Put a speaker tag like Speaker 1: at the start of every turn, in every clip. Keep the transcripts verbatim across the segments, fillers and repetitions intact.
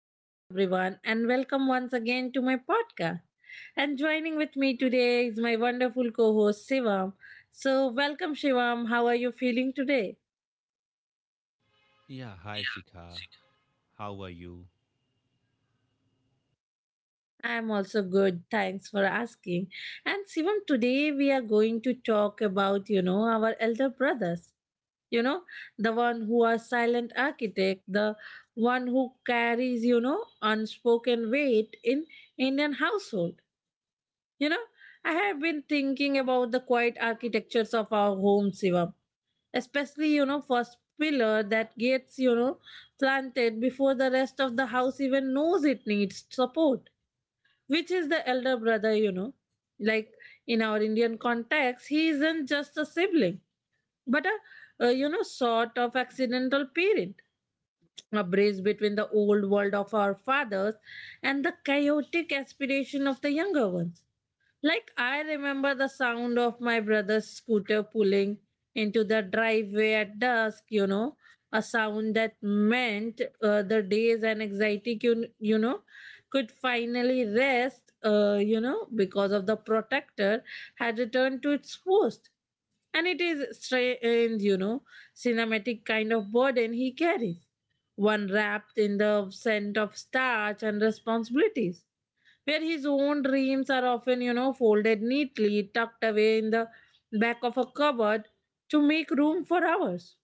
Speaker 1: Hello, everyone, and welcome once again to my podcast. And joining with me today is my wonderful co host Shivam. So, welcome, Shivam. How are you feeling today?
Speaker 2: Yeah, hi Sikha. How are you?
Speaker 1: I am also good. Thanks for asking. And Shivam, today we are going to talk about, you know, our elder brothers. You know, the one who are silent architect, the one who carries, you know, unspoken weight in Indian household. You know, I have been thinking about the quiet architectures of our home, Shivam. Especially, you know, first pillar that gets, you know, planted before the rest of the house even knows it needs support, which is the elder brother, you know. Like in our Indian context, he isn't just a sibling, but a, a you know, sort of accidental parent. A bridge between the old world of our fathers and the chaotic aspiration of the younger ones. Like, I remember the sound of my brother's scooter pulling into the driveway at dusk, you know, a sound that meant uh, the days and anxiety, you, you know, could finally rest, uh, you know, because of the protector had returned to its host. And it is strange, you know, cinematic kind of burden he carries, one wrapped in the scent of starch and responsibilities where his own dreams are often, you know, folded neatly, tucked away in the back of a cupboard to make room for ours.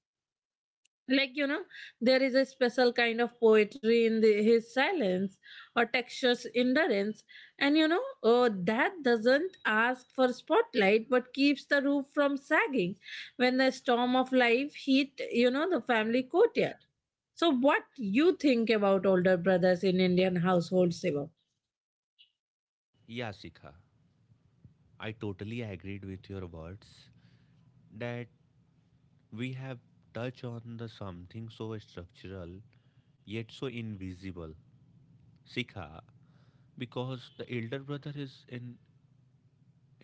Speaker 1: Like, you know, there is a special kind of poetry in the, his silence or textures endurance. And, you know, uh, that doesn't ask for spotlight but keeps the roof from sagging when the storm of life hit, you know, the family courtyard. So, what you think about older brothers in Indian households, Shivam?
Speaker 2: Yeah, Sikha. I totally agreed with your words that we have touched on the something so structural yet so invisible. Sikha, because the elder brother is in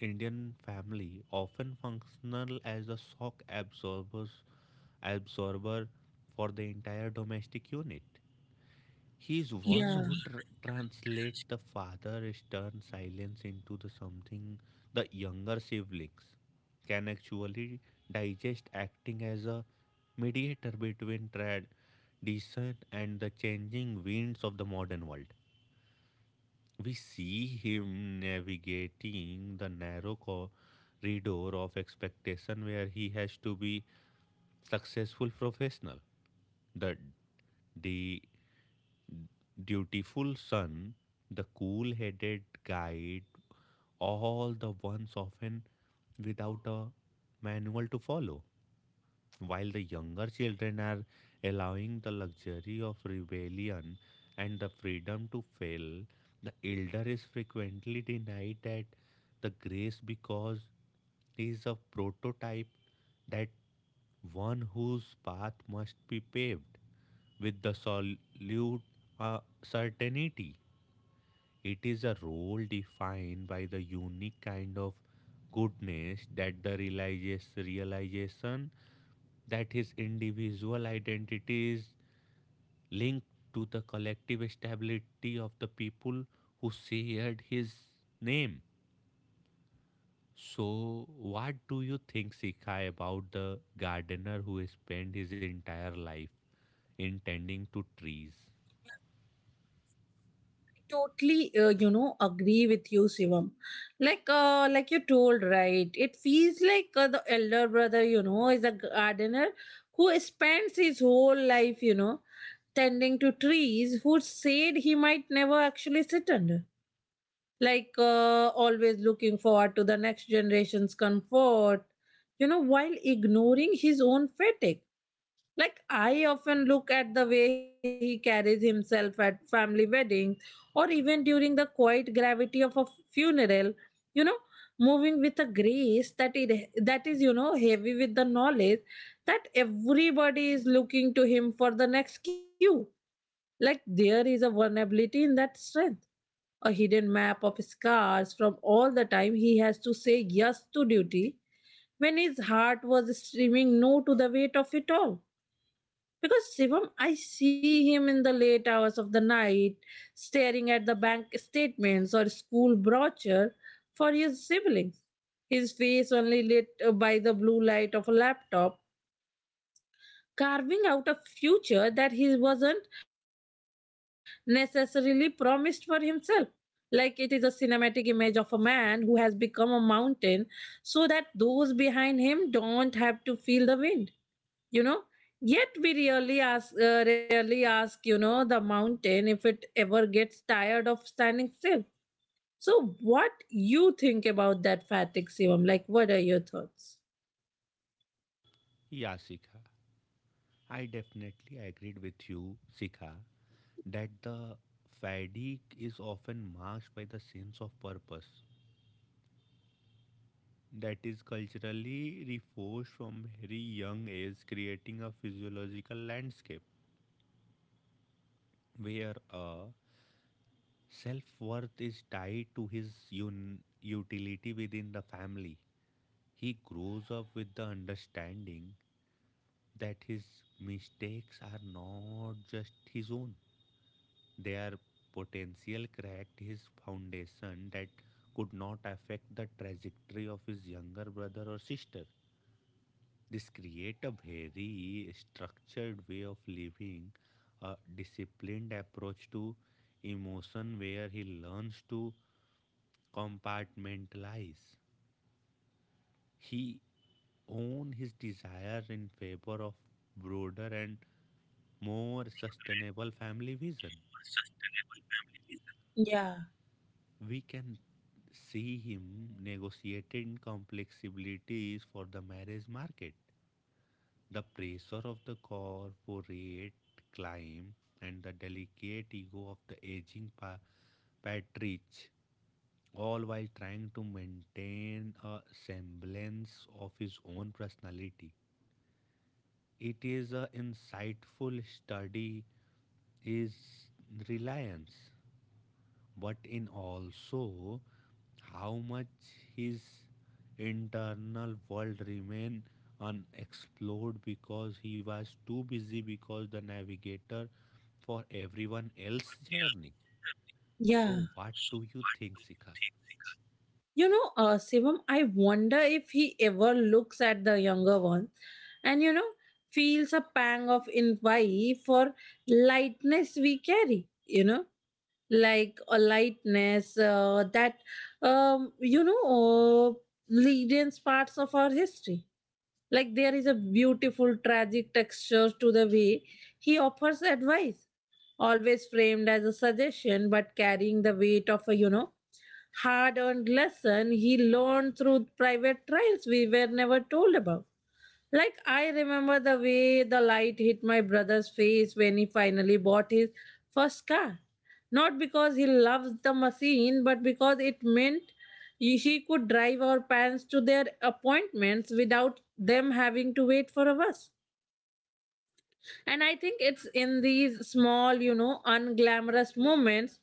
Speaker 2: Indian family often functional as a shock absorbers absorber for the entire domestic unit. He is one who tr- translates the father's stern silence into the something the younger siblings can actually digest, acting as a mediator between tradition and the changing winds of the modern world. We see him navigating the narrow corridor of expectation where he has to be successful professional, the the dutiful son, the cool headed guide, all the ones often without a manual to follow while the younger children are allowing the luxury of rebellion and the freedom to fail, the elder is frequently denied that the grace because he is a prototype that one whose path must be paved with the solute uh, certainty. It is a role defined by the unique kind of goodness that the realizes- realization that his individual identity is linked to the collective stability of the people who shared his name. So, what do you think, Sikai, about the gardener who spent his entire life in tending to trees?
Speaker 1: totally uh, you know agree with you, Shivam. Like uh, like you told, right? It feels like uh, the elder brother you know is a gardener who spends his whole life you know tending to trees who said he might never actually sit under. Like uh, always looking forward to the next generation's comfort you know while ignoring his own fatigue. Like, I often look at the way he carries himself at family weddings or even during the quiet gravity of a funeral, you know, moving with a grace that it that is, you know, heavy with the knowledge that everybody is looking to him for the next cue. Like there is a vulnerability in that strength, a hidden map of scars from all the time he has to say yes to duty when his heart was screaming no to the weight of it all. Because Shivam, I see him in the late hours of the night staring at the bank statements or school brochure for his siblings. His face only lit uh, by the blue light of a laptop, carving out a future that he wasn't necessarily promised for himself. Like it is a cinematic image of a man who has become a mountain so that those behind him don't have to feel the wind you know yet we really ask uh, rarely ask you know the mountain if it ever gets tired of standing still. So what you think about that fatigue serum? Like, what are your thoughts?
Speaker 2: Yeah, Sikha. I definitely agreed with you, Sikha, that the fatigue is often masked by the sense of purpose that is culturally reinforced from very young age, creating a physiological landscape where a self-worth is tied to his un- utility within the family. He grows up with the understanding that his mistakes are not just his own. Their potential cracked his foundation that could not affect the trajectory of his younger brother or sister. This creates a very structured way of living, a disciplined approach to emotion where he learns to compartmentalize. He own his desire in favor of broader and more sustainable family vision.
Speaker 1: Yeah,
Speaker 2: We can see him negotiating complexibilities for the marriage market. The pressure of the corporate climb and the delicate ego of the aging pa- patriarch, all while trying to maintain a semblance of his own personality. It is an insightful study is reliance but in also how much his internal world remained unexplored because he was too busy because the navigator for everyone else's journey.
Speaker 1: yeah.
Speaker 2: So what do you think, Sika?
Speaker 1: You know, uh, Shivam, I wonder if he ever looks at the younger ones and you know feels a pang of envy for lightness we carry you know like a lightness uh, that um, you know uh, leadens parts of our history. Like there is a beautiful tragic texture to the way he offers advice, always framed as a suggestion but carrying the weight of a you know hard earned lesson he learned through private trials we were never told about. Like, I remember the way the light hit my brother's face when he finally bought his first car. Not because he loves the machine, but because it meant he- she could drive our parents to their appointments without them having to wait for a bus. And I think it's in these small, you know, unglamorous moments,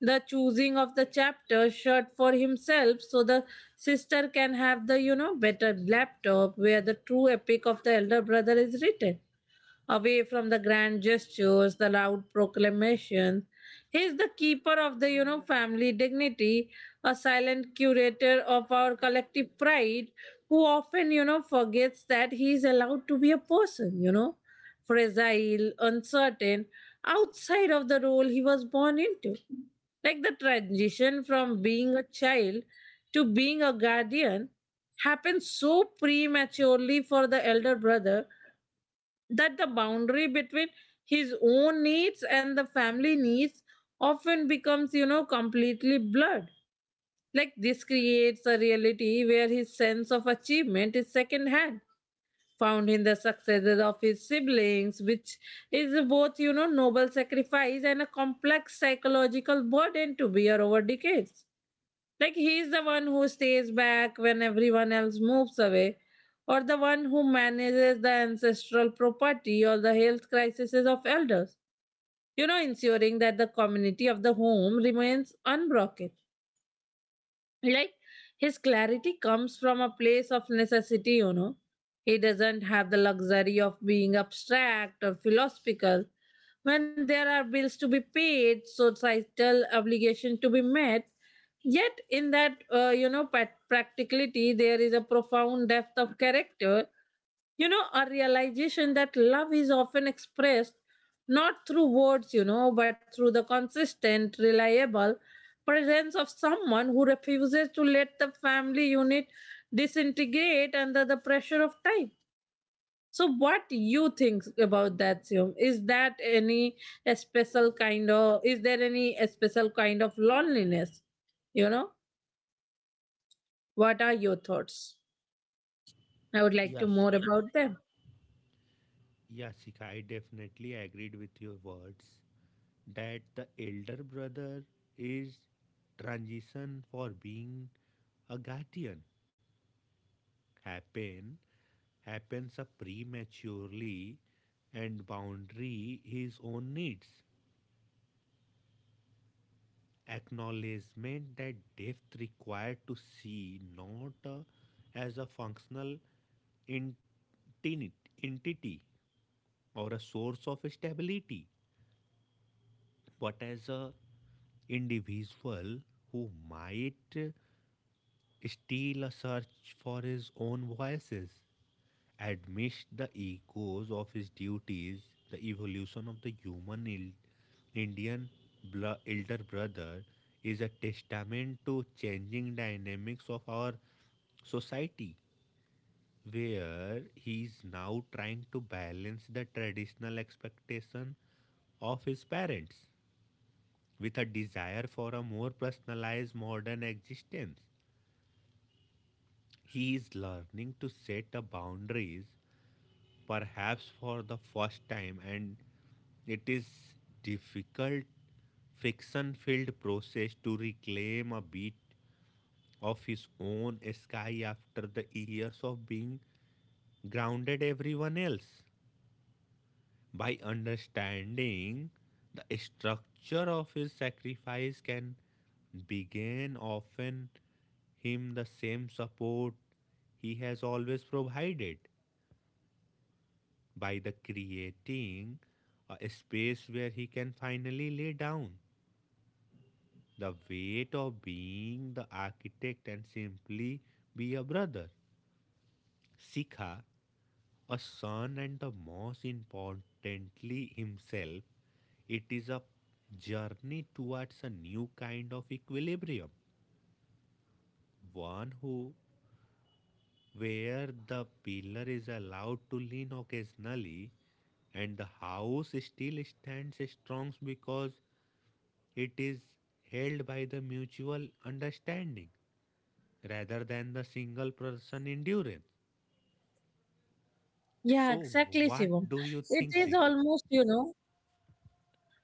Speaker 1: the choosing of the chapter shirt for himself so the sister can have the, you know, better laptop, where the true epic of the elder brother is written, away from the grand gestures, the loud proclamations. He is the keeper of the, you know, family dignity, a silent curator of our collective pride, who often, you know, forgets that he is allowed to be a person, you know, fragile, uncertain, outside of the role he was born into. Like the transition from being a child to being a guardian happens so prematurely for the elder brother that the boundary between his own needs and the family needs often becomes you know completely blurred. Like this creates a reality where his sense of achievement is secondhand, found in the successes of his siblings, which is both you know noble sacrifice and a complex psychological burden to bear over decades. Like he's the one who stays back when everyone else moves away, or the one who manages the ancestral property or the health crises of elders. You know, ensuring that the community of the home remains unbroken. Like his clarity comes from a place of necessity, you know. He doesn't have the luxury of being abstract or philosophical when there are bills to be paid, so societal obligation to be met. Yet, in that, uh, you know, pat- practicality, there is a profound depth of character, you know, a realization that love is often expressed not through words, you know, but through the consistent, reliable presence of someone who refuses to let the family unit disintegrate under the pressure of time. So what you think about that Siom? Is that any a special kind of is there any a special kind of loneliness? You know? What are your thoughts? I would like to
Speaker 2: Yes,
Speaker 1: more
Speaker 2: Sika.
Speaker 1: about them.
Speaker 2: Yes, Sika. I definitely agreed with your words that the elder brother is transition for being a guardian happen happens up prematurely and boundary his own needs acknowledgement that depth required to see not uh, as a functional entini- entity or a source of stability but as a individual who might still a search for his own voices, amidst the echoes of his duties, the evolution of the human il- Indian bl- elder brother is a testament to changing dynamics of our society, where he is now trying to balance the traditional expectation of his parents with a desire for a more personalized modern existence. He is learning to set the boundaries, perhaps for the first time, and it is difficult, friction-filled process to reclaim a bit of his own sky after the years of being grounded everyone else. By understanding the structure of his sacrifice can begin offering him the same support he has always provided by the creating a space where he can finally lay down the weight of being the architect and simply be a brother. Sikha, a son and the most importantly himself, it is a journey towards a new kind of equilibrium, one who where the pillar is allowed to lean occasionally and the house still stands strong because it is held by the mutual understanding rather than the single person endurance.
Speaker 1: Yeah,
Speaker 2: So,
Speaker 1: exactly,
Speaker 2: what
Speaker 1: Shivam.
Speaker 2: do you
Speaker 1: It
Speaker 2: think,
Speaker 1: is
Speaker 2: Sika?
Speaker 1: almost, you know,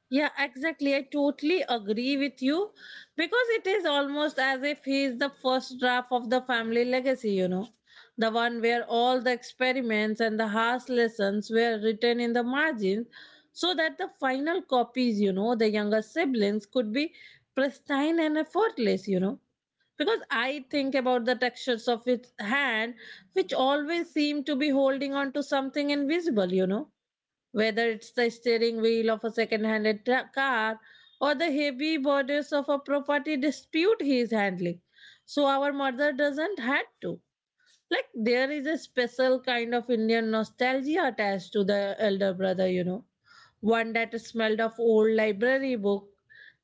Speaker 1: Yeah, exactly. I totally agree with you because it is almost as if he is the first draft of the family legacy, you know, the one where all the experiments and the harsh lessons were written in the margins so that the final copies, you know, the younger siblings could be pristine and effortless, you know. Because I think about the textures of its hand, which always seem to be holding on to something invisible, you know whether it's the steering wheel of a second-handed tra- car or the heavy bodies of a property dispute he is handling. So our mother doesn't had to. Like there is a special kind of Indian nostalgia attached to the elder brother, you know. One that smelled of old library book,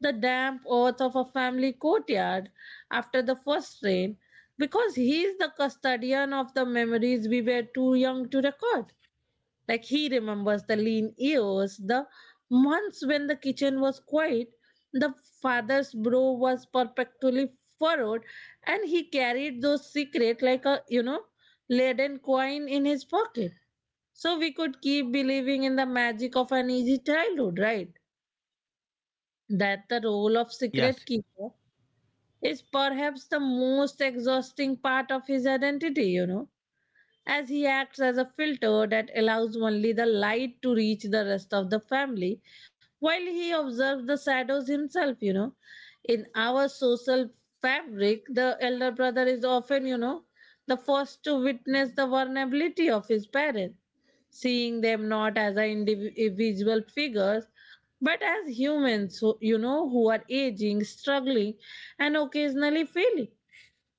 Speaker 1: the damp earth of a family courtyard after the first rain, because he is the custodian of the memories we were too young to record. Like he remembers the lean years, the months when the kitchen was quiet, the father's brow was perpetually furrowed, and he carried those secrets like a you know laden coin in his pocket. So we could keep believing in the magic of an easy childhood, right? That the role of
Speaker 2: Yes,
Speaker 1: secret keeper is perhaps the most exhausting part of his identity, you know as he acts as a filter that allows only the light to reach the rest of the family while he observes the shadows himself you know in our social fabric, the elder brother is often you know the first to witness the vulnerability of his parents, seeing them not as a individual figures but as humans who you know who are aging, struggling, and occasionally failing.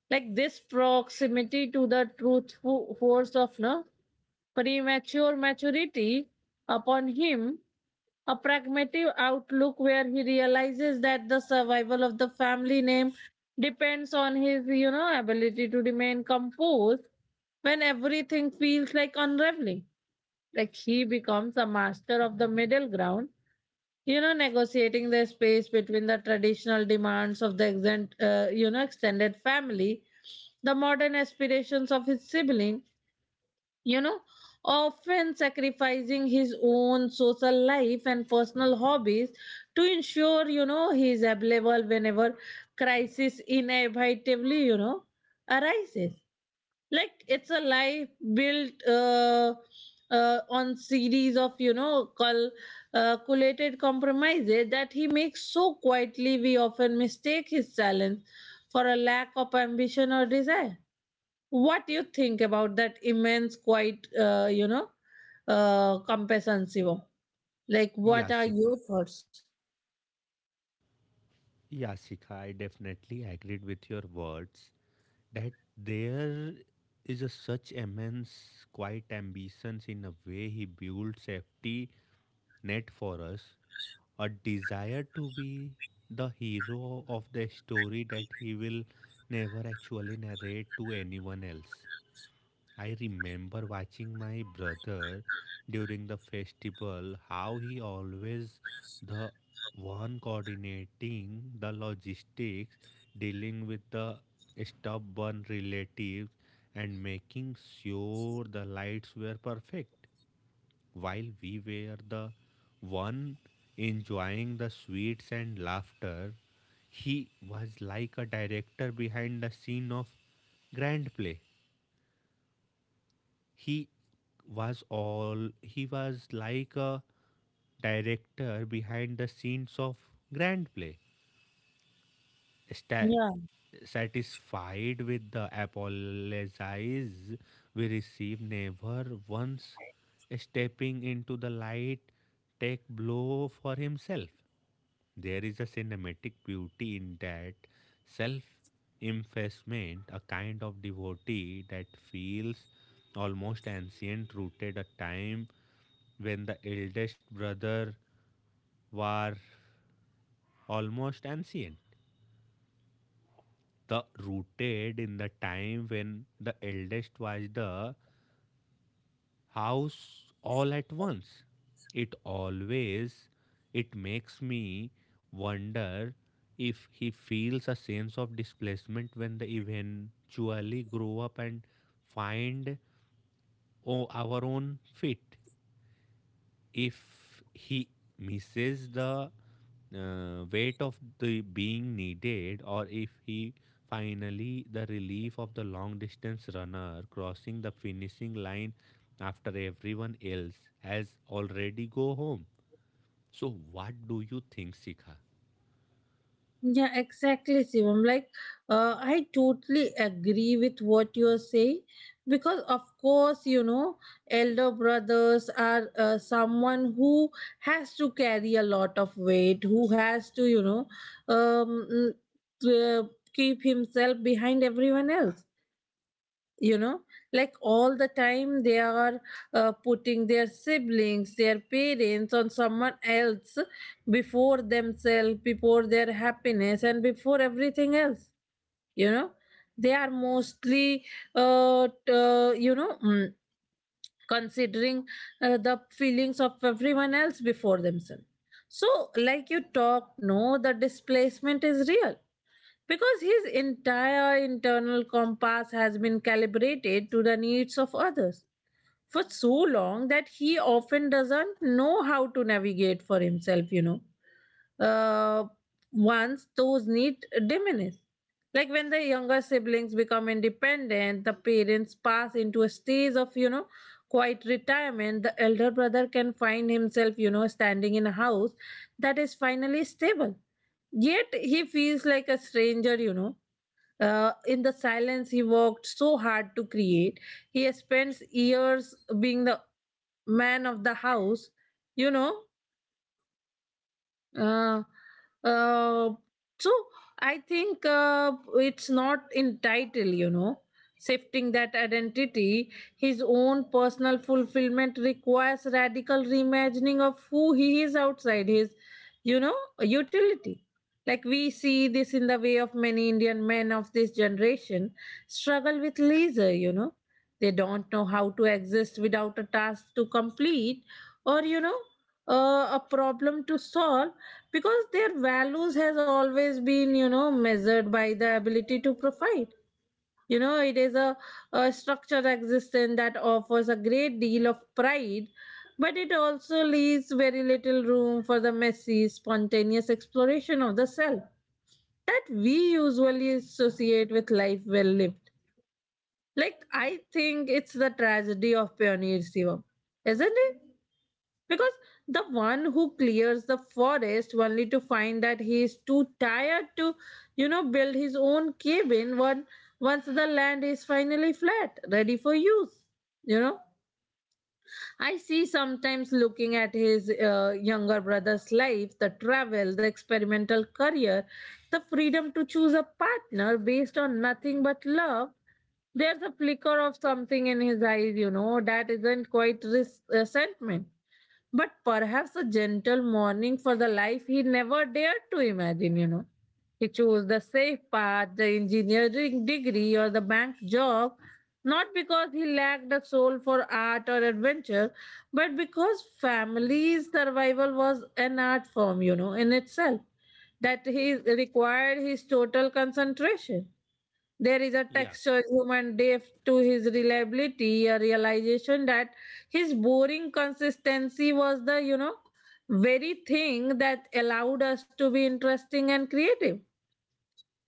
Speaker 1: Like this proximity to the truth fo- force of no premature maturity upon him, a pragmatic outlook where he realizes that the survival of the family name depends on his, you know, ability to remain composed when everything feels like unraveling. Like he becomes a master of the middle ground, you know, negotiating the space between the traditional demands of the extent, uh, you know, extended family, the modern aspirations of his sibling, you know, often sacrificing his own social life and personal hobbies to ensure, you know, he is available whenever crisis inevitably, you know, arises. Like it's a life built uh, uh, on series of, you know, cul- calculated compromises that he makes so quietly we often mistake his silence for a lack of ambition or desire. What do you think about that immense, quite, uh, you know, uh, compassion, Shivam? Like, what
Speaker 2: yes,
Speaker 1: are
Speaker 2: Sika.
Speaker 1: your thoughts?
Speaker 2: Yes, Sika. I definitely agreed with your words that there is a such immense, quiet ambitions in a way he builds safety net for us, a desire to be the hero of the story that he will never actually narrate to anyone else. I remember watching my brother during the festival how he always the one coordinating the logistics dealing with the stubborn relatives and making sure the lights were perfect while we were the one enjoying the sweets and laughter. He was like a director behind the scene of grand play he was all he was like a director behind the scenes of grand play, sta-
Speaker 1: Yeah,
Speaker 2: satisfied with the apologies we received never once stepping into the light take blow for himself. There is a cinematic beauty in that self effacement, a kind of devotee that feels almost ancient, rooted a time when the eldest brother were almost ancient. The rooted in the time when the eldest was the house all at once. It always it makes me wonder if he feels a sense of displacement when they eventually grow up and find o- our own feet, if he misses the uh, weight of the being needed or if he finally the relief of the long distance runner crossing the finishing line after everyone else has already go home. So what do you think, Sikha?
Speaker 1: yeah, exactly, Shivam. Like, uh, I totally agree with what you are saying because, of course, you know, elder brothers are uh, someone who has to carry a lot of weight, who has to, you know, um, mm, uh, keep himself behind everyone else, you know, like all the time they are uh, putting their siblings, their parents on someone else before themselves, before their happiness and before everything else, you know. They are mostly uh, t- uh, you know mm, considering uh, the feelings of everyone else before themselves. So, like you talk, no, the displacement is real because his entire internal compass has been calibrated to the needs of others for so long that he often doesn't know how to navigate for himself, you know. Uh, Once those needs diminish, like when the younger siblings become independent, the parents pass into a stage of, you know, quiet retirement, the elder brother can find himself, you know, standing in a house that is finally stable. Yet he feels like a stranger, you know, uh, in the silence he worked so hard to create, he spends years being the man of the house, you know, uh, uh, so I think uh, it's not entitled, you know, shifting that identity. His own personal fulfillment requires radical reimagining of who he is outside his, you know, utility. Like we see this in the way of many Indian men of this generation struggle with leisure, you know. They don't know how to exist without a task to complete or, you know, uh, a problem to solve, because their values has always been, you know, measured by the ability to provide. You know, it is a, a structured existence that offers a great deal of pride, but it also leaves very little room for the messy, spontaneous exploration of the self that we usually associate with life well lived. Like, I think it's the tragedy of pioneer, Shivam, isn't it? Because the one who clears the forest only to find that he is too tired to, you know, build his own cabin, when once the land is finally flat, ready for use. You know, I see sometimes looking at his uh, younger brother's life, the travel, the experimental career, the freedom to choose a partner based on nothing but love, there's a flicker of something in his eyes, you know, that isn't quite res- resentment, but perhaps a gentle mourning for the life he never dared to imagine, you know. He chose the safe path, the engineering degree, or the bank job, not because he lacked a soul for art or adventure, but because family survival was an art form, you know, in itself, that he required his total concentration. There is a
Speaker 2: Yeah,
Speaker 1: texture human depth to his reliability, a realization that his boring consistency was the, you know, very thing that allowed us to be interesting and creative.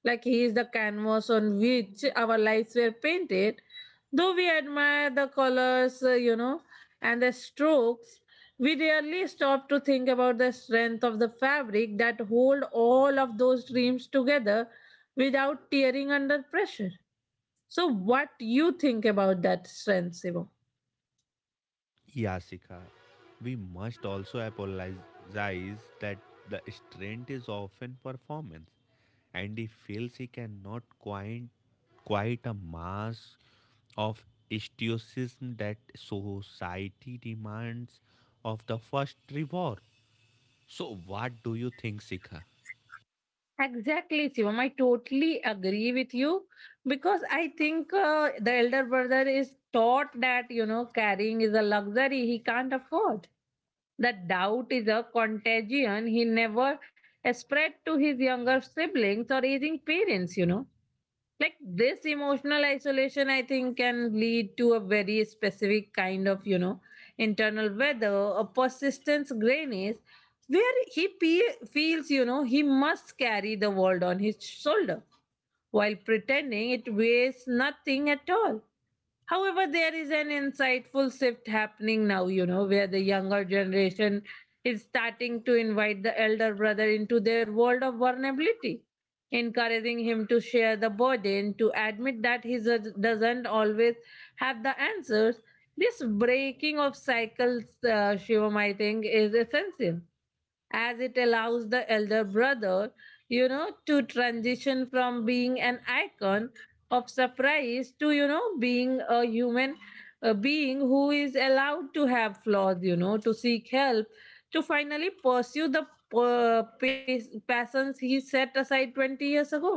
Speaker 1: Like he is the canvas on which our lives were painted. Though we admire the colors, uh, you know, and the strokes, we rarely stop to think about the strength of the fabric that hold all of those dreams together without tearing under pressure. So what you think about that strength, Shivam?
Speaker 2: Yasika, we must also apologize that the strength is often performance, and he feels he cannot quite quite a mass of stoicism that society demands of the first reward. So, what do you think, Sika?
Speaker 1: Exactly, Shivam. I totally agree with you because I think uh, the elder brother is taught that, you know, carrying is a luxury he can't afford. That doubt is a contagion he never spread to his younger siblings or aging parents, you know. Like, this emotional isolation, I think, can lead to a very specific kind of, you know, internal weather, a persistence grayness, where he pe- feels, you know, he must carry the world on his shoulder while pretending it weighs nothing at all. However, there is an insightful shift happening now, you know, where the younger generation is starting to invite the elder brother into their world of vulnerability, encouraging him to share the burden, to admit that he does- doesn't always have the answers. This breaking of cycles, uh, Shivam, I think, is essential as it allows the elder brother, you know, to transition from being an icon of surprise to, you know, being a human uh, being who is allowed to have flaws, you know, to seek help, to finally pursue the uh, pas- passions he set aside twenty years ago.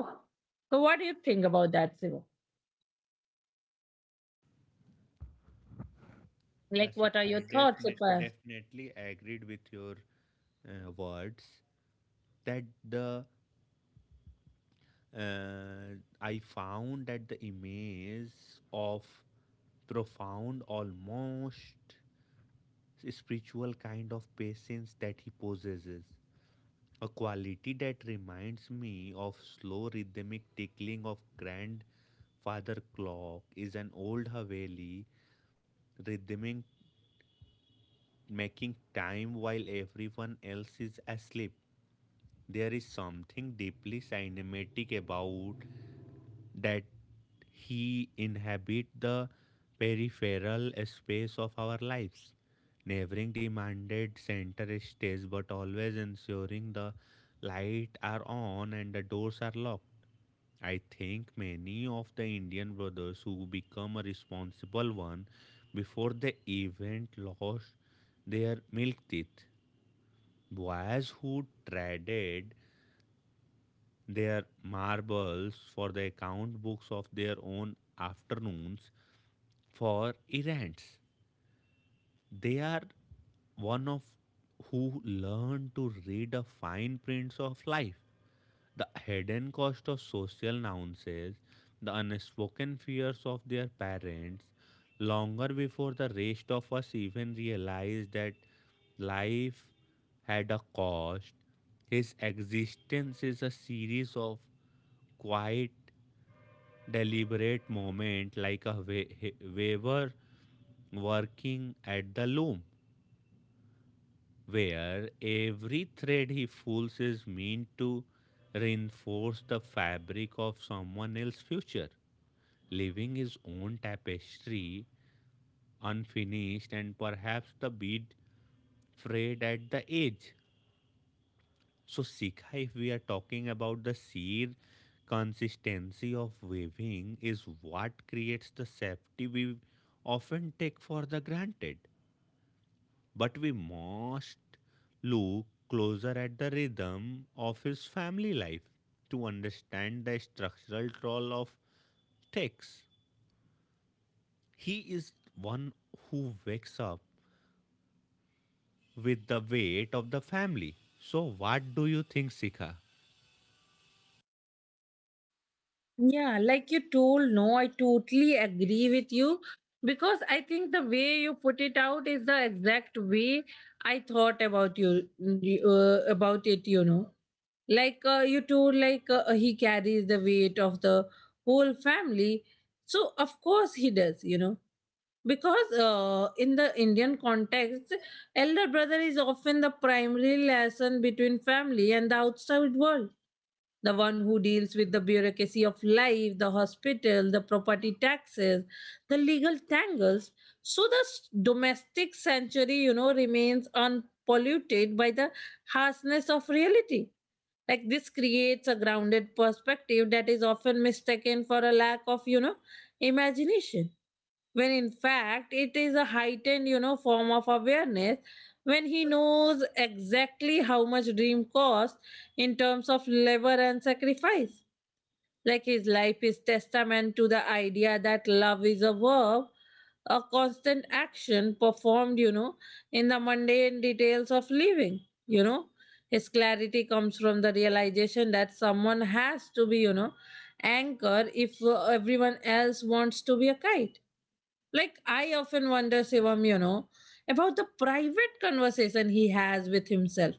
Speaker 1: So, what do you think about that, Sivo?
Speaker 2: Yeah,
Speaker 1: Like, what
Speaker 2: Sika,
Speaker 1: are your
Speaker 2: I
Speaker 1: thoughts,
Speaker 2: defini-
Speaker 1: Sipa?
Speaker 2: definitely agreed with your uh, words that the uh, I found that the image of profound, almost spiritual kind of patience that he possesses. A quality that reminds me of slow rhythmic tickling of grandfather clock is an old Haveli rhythmic making time while everyone else is asleep. There is something deeply cinematic about that he inhabit the peripheral space of our lives, never demanded center stage but always ensuring the lights are on and the doors are locked. I think many of the Indian brothers who become a responsible one before the event lost their milk teeth. Boys who traded their marbles for the account books of their own afternoons for errands. They are one of who learn to read the fine prints of life. The hidden cost of social nuances, the unspoken fears of their parents, longer before the rest of us even realize that life had a cost, his existence is a series of quiet, deliberate moments like a wa- he- weaver working at the loom where every thread he pulls is meant to reinforce the fabric of someone else's future, leaving his own tapestry unfinished and perhaps the bead frayed at the edge. So, Sikha, if we are talking about the sheer consistency of weaving, is what creates the safety we often take for the granted. But we must look closer at the rhythm of his family life to understand the structural role of Tex. He is one who wakes up with the weight of the family. So, what do you think, Sika?
Speaker 1: Yeah, like you told, no, I totally agree with you because I think the way you put it out is the exact way I thought about you uh, about it, you know. Like, uh, you told, like, uh, he carries the weight of the whole family, so of course he does, you know, because uh, in the Indian context, elder brother is often the primary liaison between family and the outside world, the one who deals with the bureaucracy of life, the hospital, the property taxes, the legal tangles, so the s- domestic sanctuary, you know, remains unpolluted by the harshness of reality. Like, this creates a grounded perspective that is often mistaken for a lack of, you know, imagination, when in fact it is a heightened, you know, form of awareness, when he knows exactly how much dream costs in terms of labor and sacrifice. Like, his life is testament to the idea that love is a verb, a constant action performed, you know, in the mundane details of living, you know. His clarity comes from the realization that someone has to be, you know, anchor if uh, everyone else wants to be a kite. Like, I often wonder, Sivam, you know, about the private conversation he has with himself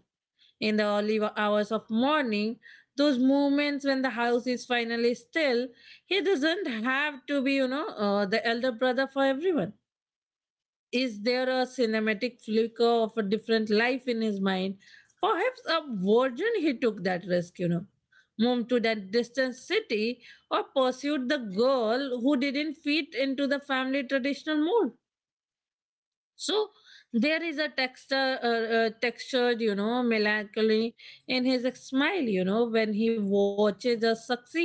Speaker 1: in the early hours of morning. Those moments when the house is finally still, he doesn't have to be, you know, uh, the elder brother for everyone. Is there a cinematic flicker of a different life in his mind? Perhaps a virgin he took that risk, you know, moved to that distant city or pursued the girl who didn't fit into the family traditional mold. So, there is a texture, uh, uh, textured, you know, melancholy in his smile, you know, when he watches us succeed.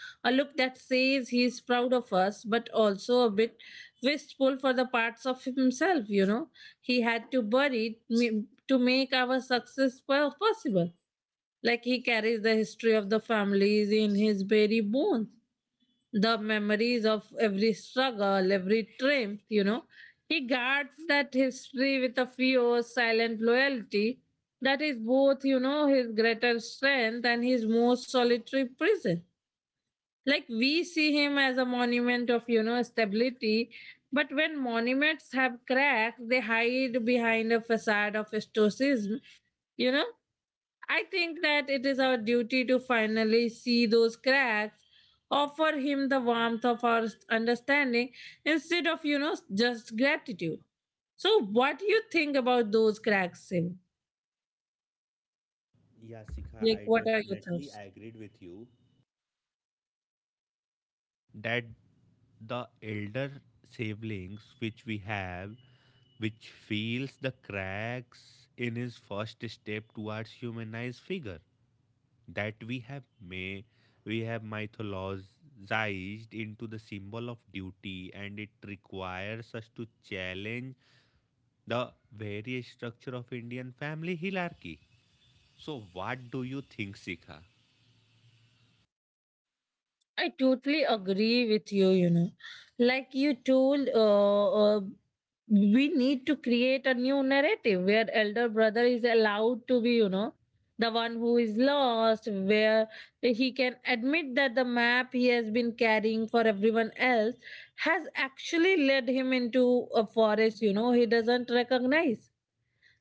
Speaker 1: A look that says he is proud of us, but also a bit wistful for the parts of himself, you know, he had to bury me- to make our success po- possible. Like, he carries the history of the families in his very bones, the memories of every struggle, every triumph, you know. He guards that history with a fierce, silent loyalty that is both, you know, his greater strength and his most solitary prison. Like, we see him as a monument of, you know, stability, but when monuments have cracks, they hide behind a facade of stoicism, you know. I think that it is our duty to finally see those cracks, offer him the warmth of our understanding instead of, you know, just gratitude. So, what do you think about those cracks, Sim?
Speaker 2: Yeah, Sikha,
Speaker 1: Like,
Speaker 2: I
Speaker 1: what are your
Speaker 2: definitely
Speaker 1: thoughts?
Speaker 2: agreed with you that the elder siblings which we have which feels the cracks in his first step towards humanized figure that we have may we have mythologized into the symbol of duty and it requires us to challenge the very structure of Indian family hierarchy. So what do you think, Sikha?
Speaker 1: I totally agree with you, you know. Like you told, uh, uh, we need to create a new narrative where elder brother is allowed to be, you know, the one who is lost, where he can admit that the map he has been carrying for everyone else has actually led him into a forest, you know, he doesn't recognize.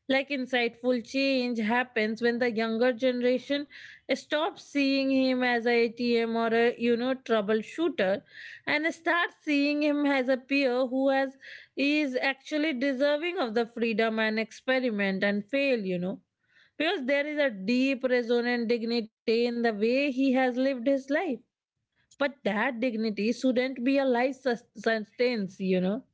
Speaker 1: Like, insightful change happens when the younger generation stops seeing him as a ATM or a, you know, troubleshooter, and starts seeing him as a peer who has is actually deserving of the freedom and experiment and fail, you know. Because there is a deep resonant dignity in the way he has lived his life. But that dignity shouldn't be a life sus- sustenance, you know.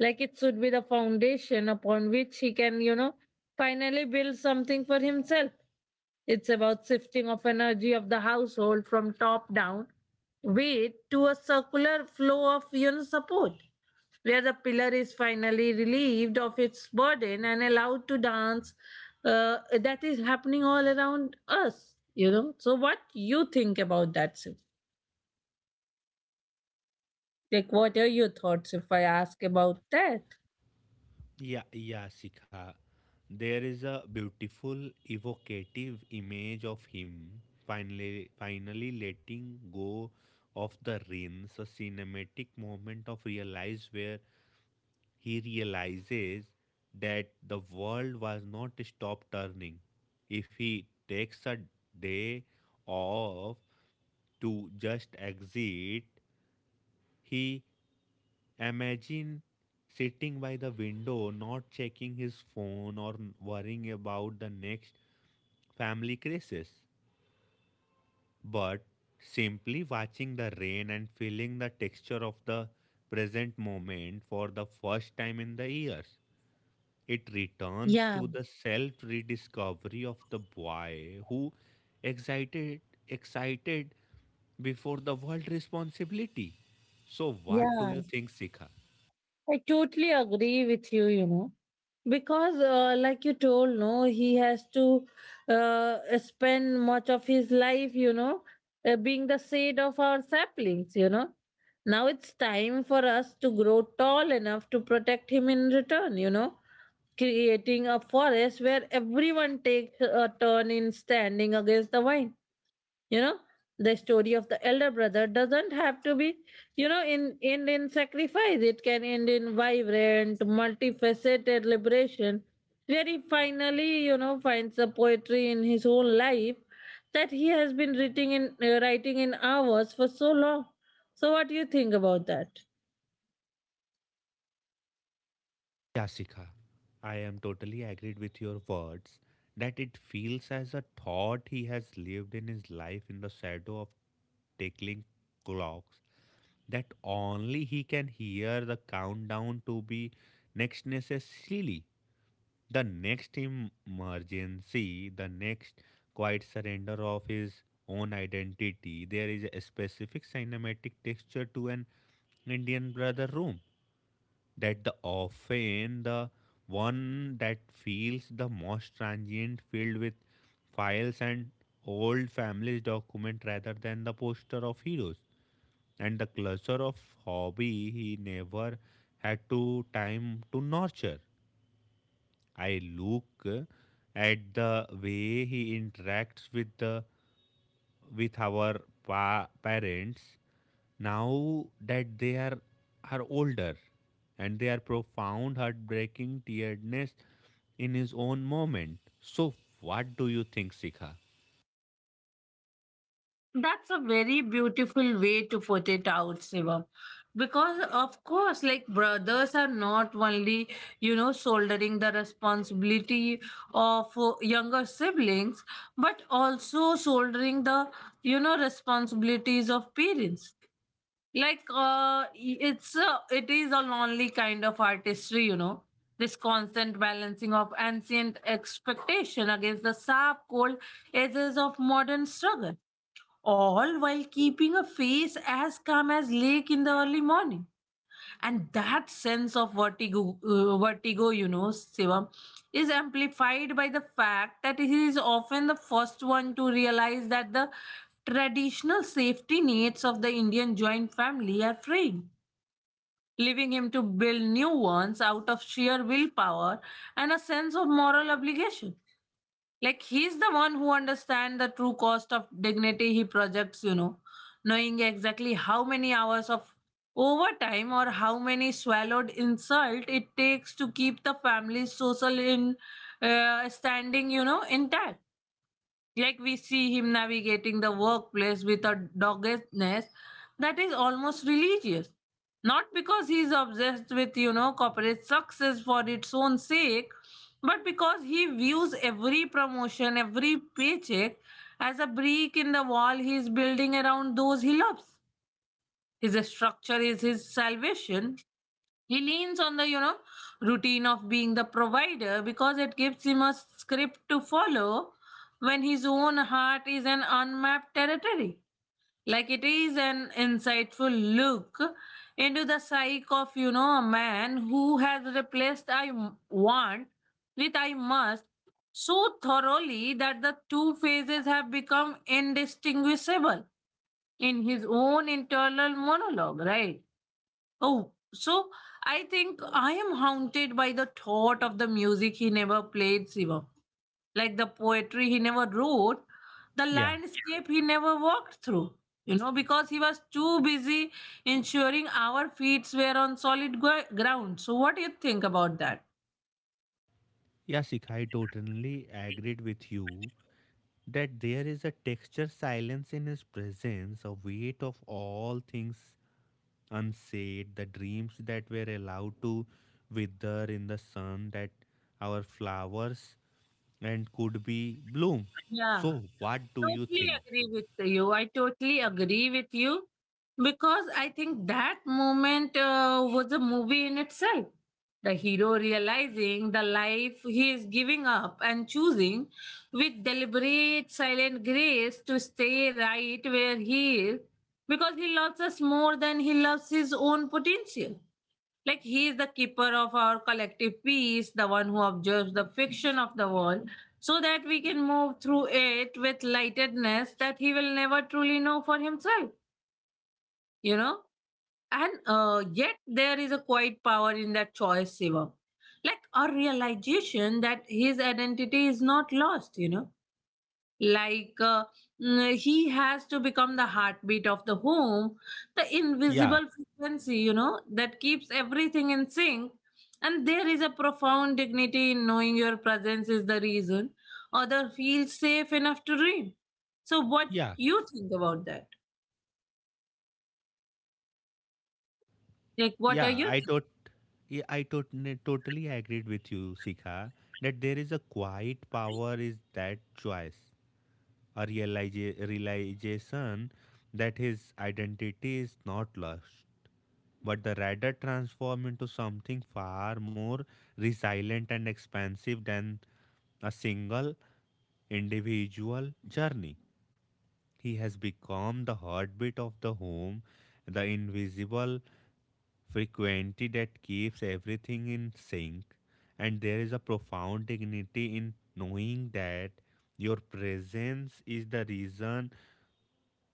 Speaker 1: Like, it should be the foundation upon which he can, you know, finally build something for himself. It's about shifting of energy of the household from top down weight to a circular flow of, you know, support, where the pillar is finally relieved of its burden and allowed to dance, uh, that is happening all around us, you know. So what you think about that, Sid? Like, what are your thoughts if I ask about that?
Speaker 2: Yeah, yeah, Sikha. There is a beautiful, evocative image of him finally, finally letting go of the reins, a cinematic moment of realize where he realizes that the world was not stopped turning. If he takes a day off to just exit, he imagine sitting by the window, not checking his phone or worrying about the next family crisis, but simply watching the rain and feeling the texture of the present moment for the first time in the years. It returns
Speaker 1: Yeah,
Speaker 2: to the self rediscovery of the boy who excited excited before the world responsibility. So what do
Speaker 1: yeah.
Speaker 2: you think, Sikha?
Speaker 1: I totally agree with you, you know, because uh, like you told, no, he has to uh, spend much of his life, you know, uh, being the shade of our saplings, you know. Now it's time for us to grow tall enough to protect him in return, you know, creating a forest where everyone takes a turn in standing against the wind, you know. The story of the elder brother doesn't have to be, you know, in end in sacrifice. It can end in vibrant multifaceted liberation where he finally, you know, finds the poetry in his own life that he has been writing in uh, writing in hours for so long. So what do you think about that?
Speaker 2: Yasika, I am totally agreed with your words that it feels as a thought he has lived in his life in the shadow of tickling clocks that only he can hear the countdown to be next necessarily the next emergency, the next quiet surrender of his own identity. There is a specific cinematic texture to an Indian brother room that the often the one that feels the most transient filled with files and old family's document rather than the poster of heroes and the cluster of hobby he never had to time to nurture. I look uh, at the way he interacts with the with our pa- parents now that they are, are older and they are profound, heartbreaking tieredness in his own moment. So, what do you think, Sikha?
Speaker 1: That's a very beautiful way to put it out, Shivam. Because, of course, like, brothers are not only, you know, shouldering the responsibility of uh, younger siblings, but also shouldering the, you know, responsibilities of parents. Like, uh, it's a, it is a lonely kind of artistry, you know, this constant balancing of ancient expectation against the sharp, cold edges of modern struggle, all while keeping a face as calm as lake in the early morning. And that sense of vertigo uh, vertigo you know, Shivam, is amplified by the fact that he is often the first one to realize that the traditional safety nets of the Indian joint family are fraying, leaving him to build new ones out of sheer willpower and a sense of moral obligation. Like, he's the one who understands the true cost of dignity he projects, you know, knowing exactly how many hours of overtime or how many swallowed insult it takes to keep the family's social in, uh, standing, you know, intact. Like, we see him navigating the workplace with a doggedness that is almost religious. Not because he is obsessed with, you know, corporate success for its own sake, but because he views every promotion, every paycheck as a brick in the wall he is building around those he loves. His structure is his salvation. He leans on the, you know, routine of being the provider because it gives him a script to follow when his own heart is an unmapped territory. Like, it is an insightful look into the psyche of, you know, a man who has replaced I m- want with I must, so thoroughly that the two phases have become indistinguishable in his own internal monologue, right? Oh, so I think I am haunted by the thought of the music he never played, Shiva. Like the poetry he never wrote, the
Speaker 2: Yeah,
Speaker 1: landscape he never walked through. You know, because he was too busy ensuring our feet were on solid gro- ground. So, what do you think about that?
Speaker 2: yeah, Sikha, I totally agreed with you that there is a texture silence in his presence, a weight of all things unsaid, the dreams that were allowed to wither in the sun, that our flowers and could be bloom.
Speaker 1: Yeah.
Speaker 2: So, what do you
Speaker 1: Totally
Speaker 2: think?
Speaker 1: agree with you. I totally agree with you, because I think that moment uh, was a movie in itself. The hero realizing the life he is giving up and choosing, with deliberate, silent grace, to stay right where he is, because he loves us more than he loves his own potential. Like, he is the keeper of our collective peace, the one who observes the fiction of the world, so that we can move through it with lightedness that he will never truly know for himself, you know? And uh, yet there is a quiet power in that choice, Shiva. Like a realization that his identity is not lost, you know? like uh, mm, he has to become the heartbeat of the home, the
Speaker 2: Yeah,
Speaker 1: invisible frequency, you know, that keeps everything in sync. And there is a profound dignity in knowing your presence is the reason other feels safe enough to dream. So what
Speaker 2: yeah,
Speaker 1: you think about that? Like, what are
Speaker 2: yeah.
Speaker 1: your thoughts?
Speaker 2: I tot, yeah, I tot, Totally agreed with you, Sikha, that there is a quiet power is that choice, a realiza- realization that his identity is not lost, but the radar transformed into something far more resilient and expansive than a single individual journey. He has become the heartbeat of the home, the invisible frequency that keeps everything in sync. And there is a profound dignity in knowing that your presence is the reason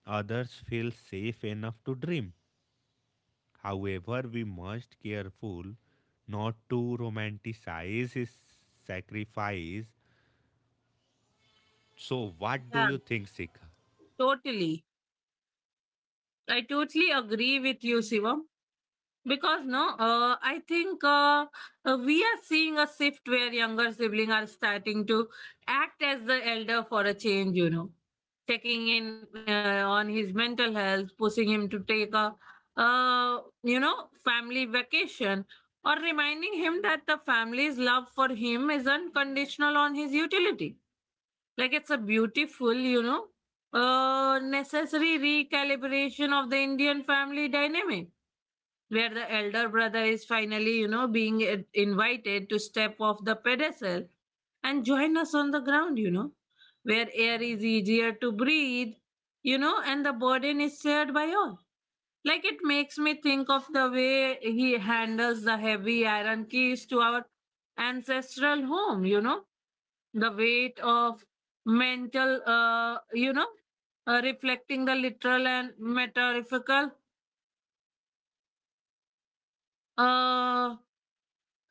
Speaker 2: others feel safe enough to dream. However, we must careful not to romanticize his sacrifice. So, what do
Speaker 1: Yeah,
Speaker 2: you think, Sikha?
Speaker 1: totally. I totally agree with you, Shivam, because no, uh, i think uh, uh, we are seeing a shift where younger siblings are starting to act as the elder for a change, you know, taking in uh, on his mental health, pushing him to take a, uh, you know, family vacation, or reminding him that the family's love for him is unconditional on his utility. Like, it's a beautiful, you know, uh, necessary recalibration of the Indian family dynamic, where the elder brother is finally, you know, being, uh, invited to step off the pedestal and join us on the ground, you know, where air is easier to breathe, you know, and the burden is shared by all. Like, it makes me think of the way he handles the heavy iron keys to our ancestral home, you know, the weight of mental, uh, you know, uh, reflecting the literal and metaphorical, uh,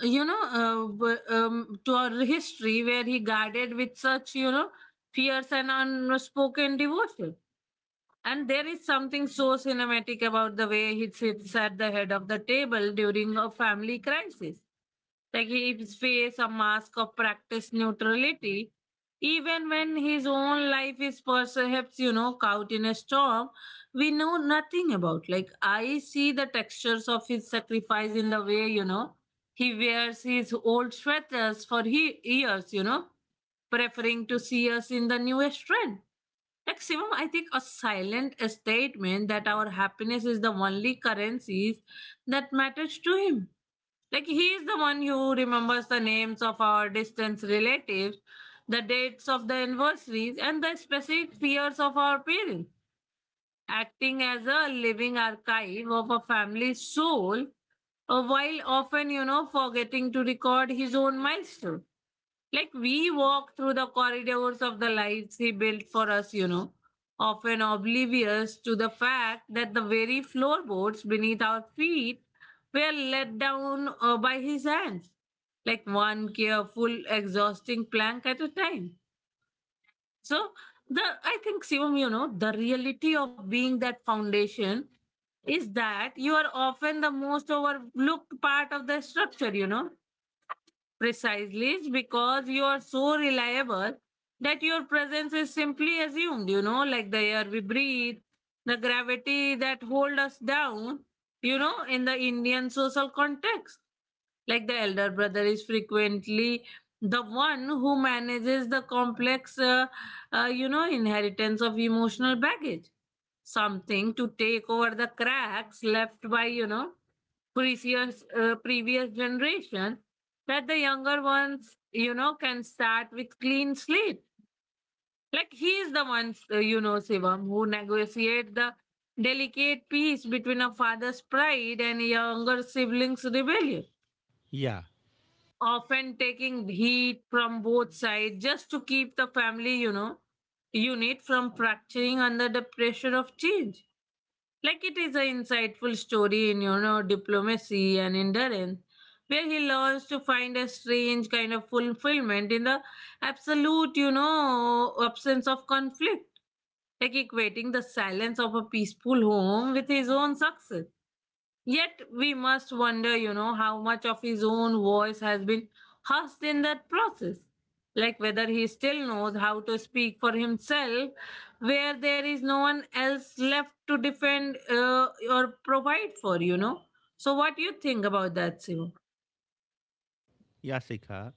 Speaker 1: you know, uh, w- um, to our history where he guarded with such, you know, fierce and unspoken devotion. And there is something so cinematic about the way he sits at the head of the table during a family crisis. Like, he his face a mask of practiced neutrality, even when his own life is perhaps, you know, caught in a storm we know nothing about. Like, I see the textures of his sacrifice in the way, you know, he wears his old sweaters for he years, you know, preferring to see us in the newest trend. Maximum, I think, a silent statement that our happiness is the only currencies that matters to him. Like, he is the one who remembers the names of our distant relatives, the dates of the anniversaries, and the specific fears of our parents, acting as a living archive of a family's soul, uh, while often, you know, forgetting to record his own milestone. Like, we walk through the corridors of the lives he built for us, you know, often oblivious to the fact that the very floorboards beneath our feet were let down uh, by his hands, like one careful, exhausting plank at a time. So, the I think, Shivam, you know, the reality of being that foundation is that you are often the most overlooked part of the structure, you know. Precisely it's because you are so reliable that your presence is simply assumed, you know, like the air we breathe, the gravity that hold us down, you know, in the Indian social context. Like, the elder brother is frequently the one who manages the complex, uh, uh, you know, inheritance of emotional baggage, something to take over the cracks left by, you know, previous uh, previous generation, that the younger ones, you know, can start with clean slate. Like, he is the one, uh, you know, Shivam, who negotiate the delicate peace between a father's pride and a younger sibling's rebellion,
Speaker 2: Yeah,
Speaker 1: often taking heat from both sides just to keep the family, you know, unit from fracturing under the pressure of change. Like, it is an insightful story in, you know, diplomacy and endurance, where he learns to find a strange kind of fulfillment in the absolute, you know, absence of conflict, like equating the silence of a peaceful home with his own success. Yet we must wonder, you know, how much of his own voice has been hushed in that process. Like, whether he still knows how to speak for himself, where there is no one else left to defend uh, or provide for, you know. So, what do you think about that, Shivam?
Speaker 2: yeah, Sikha.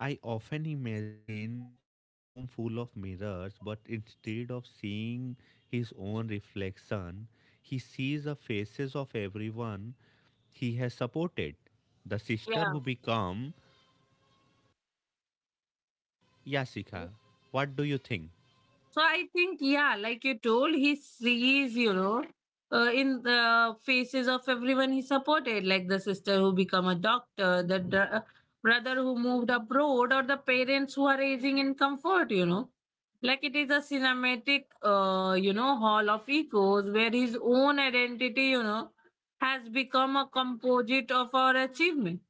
Speaker 2: I often imagine in a room full of mirrors, but instead of seeing his own reflection, he sees the faces of everyone he has supported. The sister
Speaker 1: Yeah.
Speaker 2: who become. Yeah, Yasika. What do you think?
Speaker 1: So I think, yeah, like you told, he sees, you know, uh, in the faces of everyone he supported, like the sister who become a doctor, the dr- uh, brother who moved abroad, or the parents who are aging in comfort, you know. Like, it is a cinematic, uh, you know, hall of echoes where his own identity, you know, has become a composite of our achievement,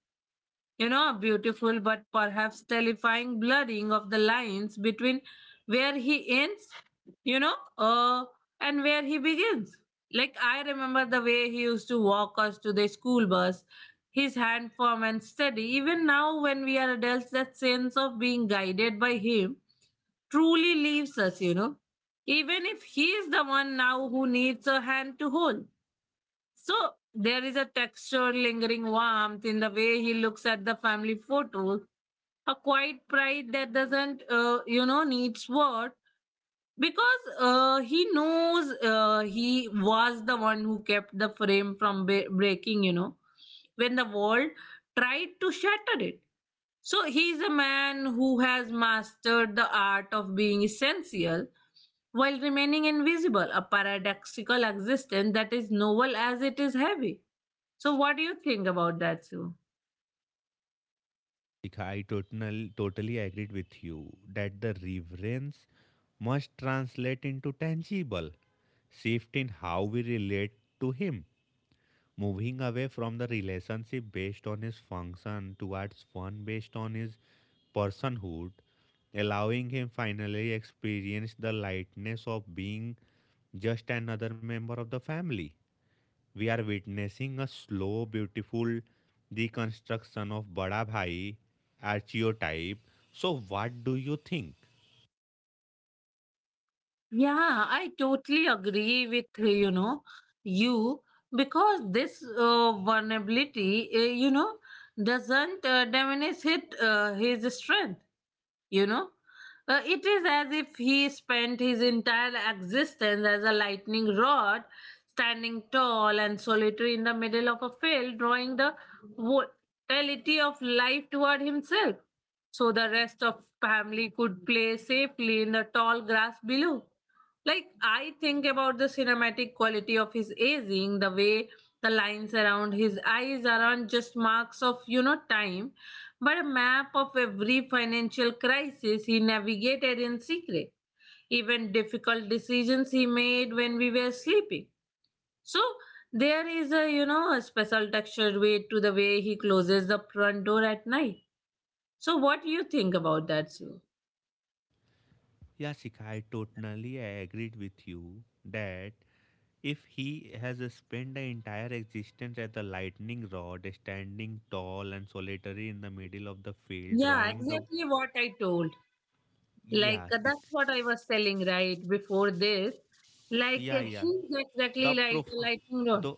Speaker 1: you know, a beautiful but perhaps terrifying blurring of the lines between where he ends, you know, uh, and where he begins. Like, I remember the way he used to walk us to the school bus, his hand firm and steady. Even now, when we are adults, that sense of being guided by him truly leaves us, you know. Even if he is the one now who needs a hand to hold. So there is a texture, lingering warmth in the way he looks at the family photos, a quiet pride that doesn't, uh, you know, need words, because uh, he knows uh, he was the one who kept the frame from ba- breaking, you know, when the world tried to shatter it. So he is a man who has mastered the art of being essential while remaining invisible, a paradoxical existence that is noble as it is heavy. So what do you think about that, Sue?
Speaker 2: Dika, I total, totally agreed with you that the reverence must translate into tangible shift in how we relate to him, moving away from the relationship based on his function towards one based on his personhood, allowing him finally experience the lightness of being just another member of the family. We are witnessing a slow, beautiful deconstruction of Bada Bhai archetype. So, what do you think?
Speaker 1: Yeah, I totally agree with uh, you know, you, because this uh, vulnerability, uh, you know, doesn't uh, diminish his, uh, his strength, you know. Uh, it is as if he spent his entire existence as a lightning rod, standing tall and solitary in the middle of a field, drawing the vitality of life toward himself, so the rest of family could play safely in the tall grass below. Like, I think about the cinematic quality of his aging, the way the lines around his eyes aren't just marks of, you know, time, but a map of every financial crisis he navigated in secret, even difficult decisions he made when we were sleeping. So there is a, you know, a special textured way to the way he closes the front door at night. So what do you think about that, Sue?
Speaker 2: Yasika, I totally agreed with you that if he has spent the entire existence as the lightning rod, standing tall and solitary in the middle of the field,
Speaker 1: Yeah,
Speaker 2: drawing the
Speaker 1: exactly what I told. Like,
Speaker 2: yeah,
Speaker 1: uh,
Speaker 2: Sik-
Speaker 1: that's what I was telling right before this. Like,
Speaker 2: yeah,
Speaker 1: uh,
Speaker 2: yeah,
Speaker 1: he's exactly
Speaker 2: the
Speaker 1: like a
Speaker 2: profound,
Speaker 1: lightning rod.
Speaker 2: the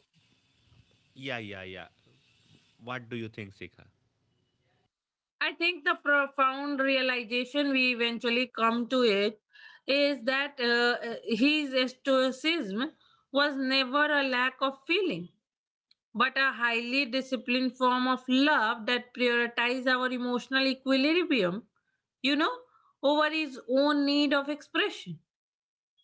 Speaker 2: yeah, yeah, yeah. What do you think, Sika?
Speaker 1: I think the profound realization we eventually come to it is that, uh, uh, his stoicism was never a lack of feeling, but a highly disciplined form of love that prioritized our emotional equilibrium, you know, over his own need of expression.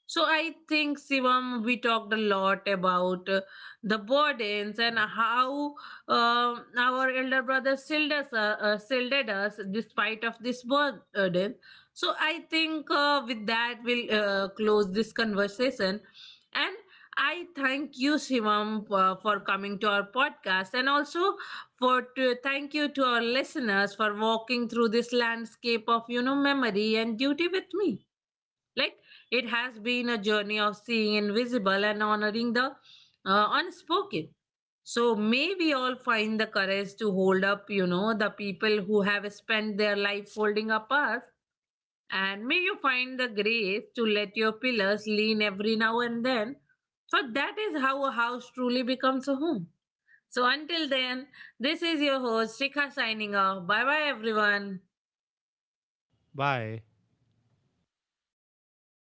Speaker 1: So I think, Shivam, we talked a lot about, uh, the burdens, and how um our elder brother shielded us, uh, uh, shielded us despite of this burden. So I think, uh, with that we'll, uh, close this conversation, and I thank you, Shivam, uh, for coming to our podcast, and also for to thank you to our listeners for walking through this landscape of, you know, memory and duty with me. Like, it has been a journey of seeing invisible and honoring the, uh, unspoken. So may we all find the courage to hold up, you know, the people who have spent their life holding up us. And may you find the grace to let your pillars lean every now and then. For that is how a house truly becomes a home. So until then, this is your host, Shikha, signing off. Bye bye, everyone.
Speaker 2: Bye.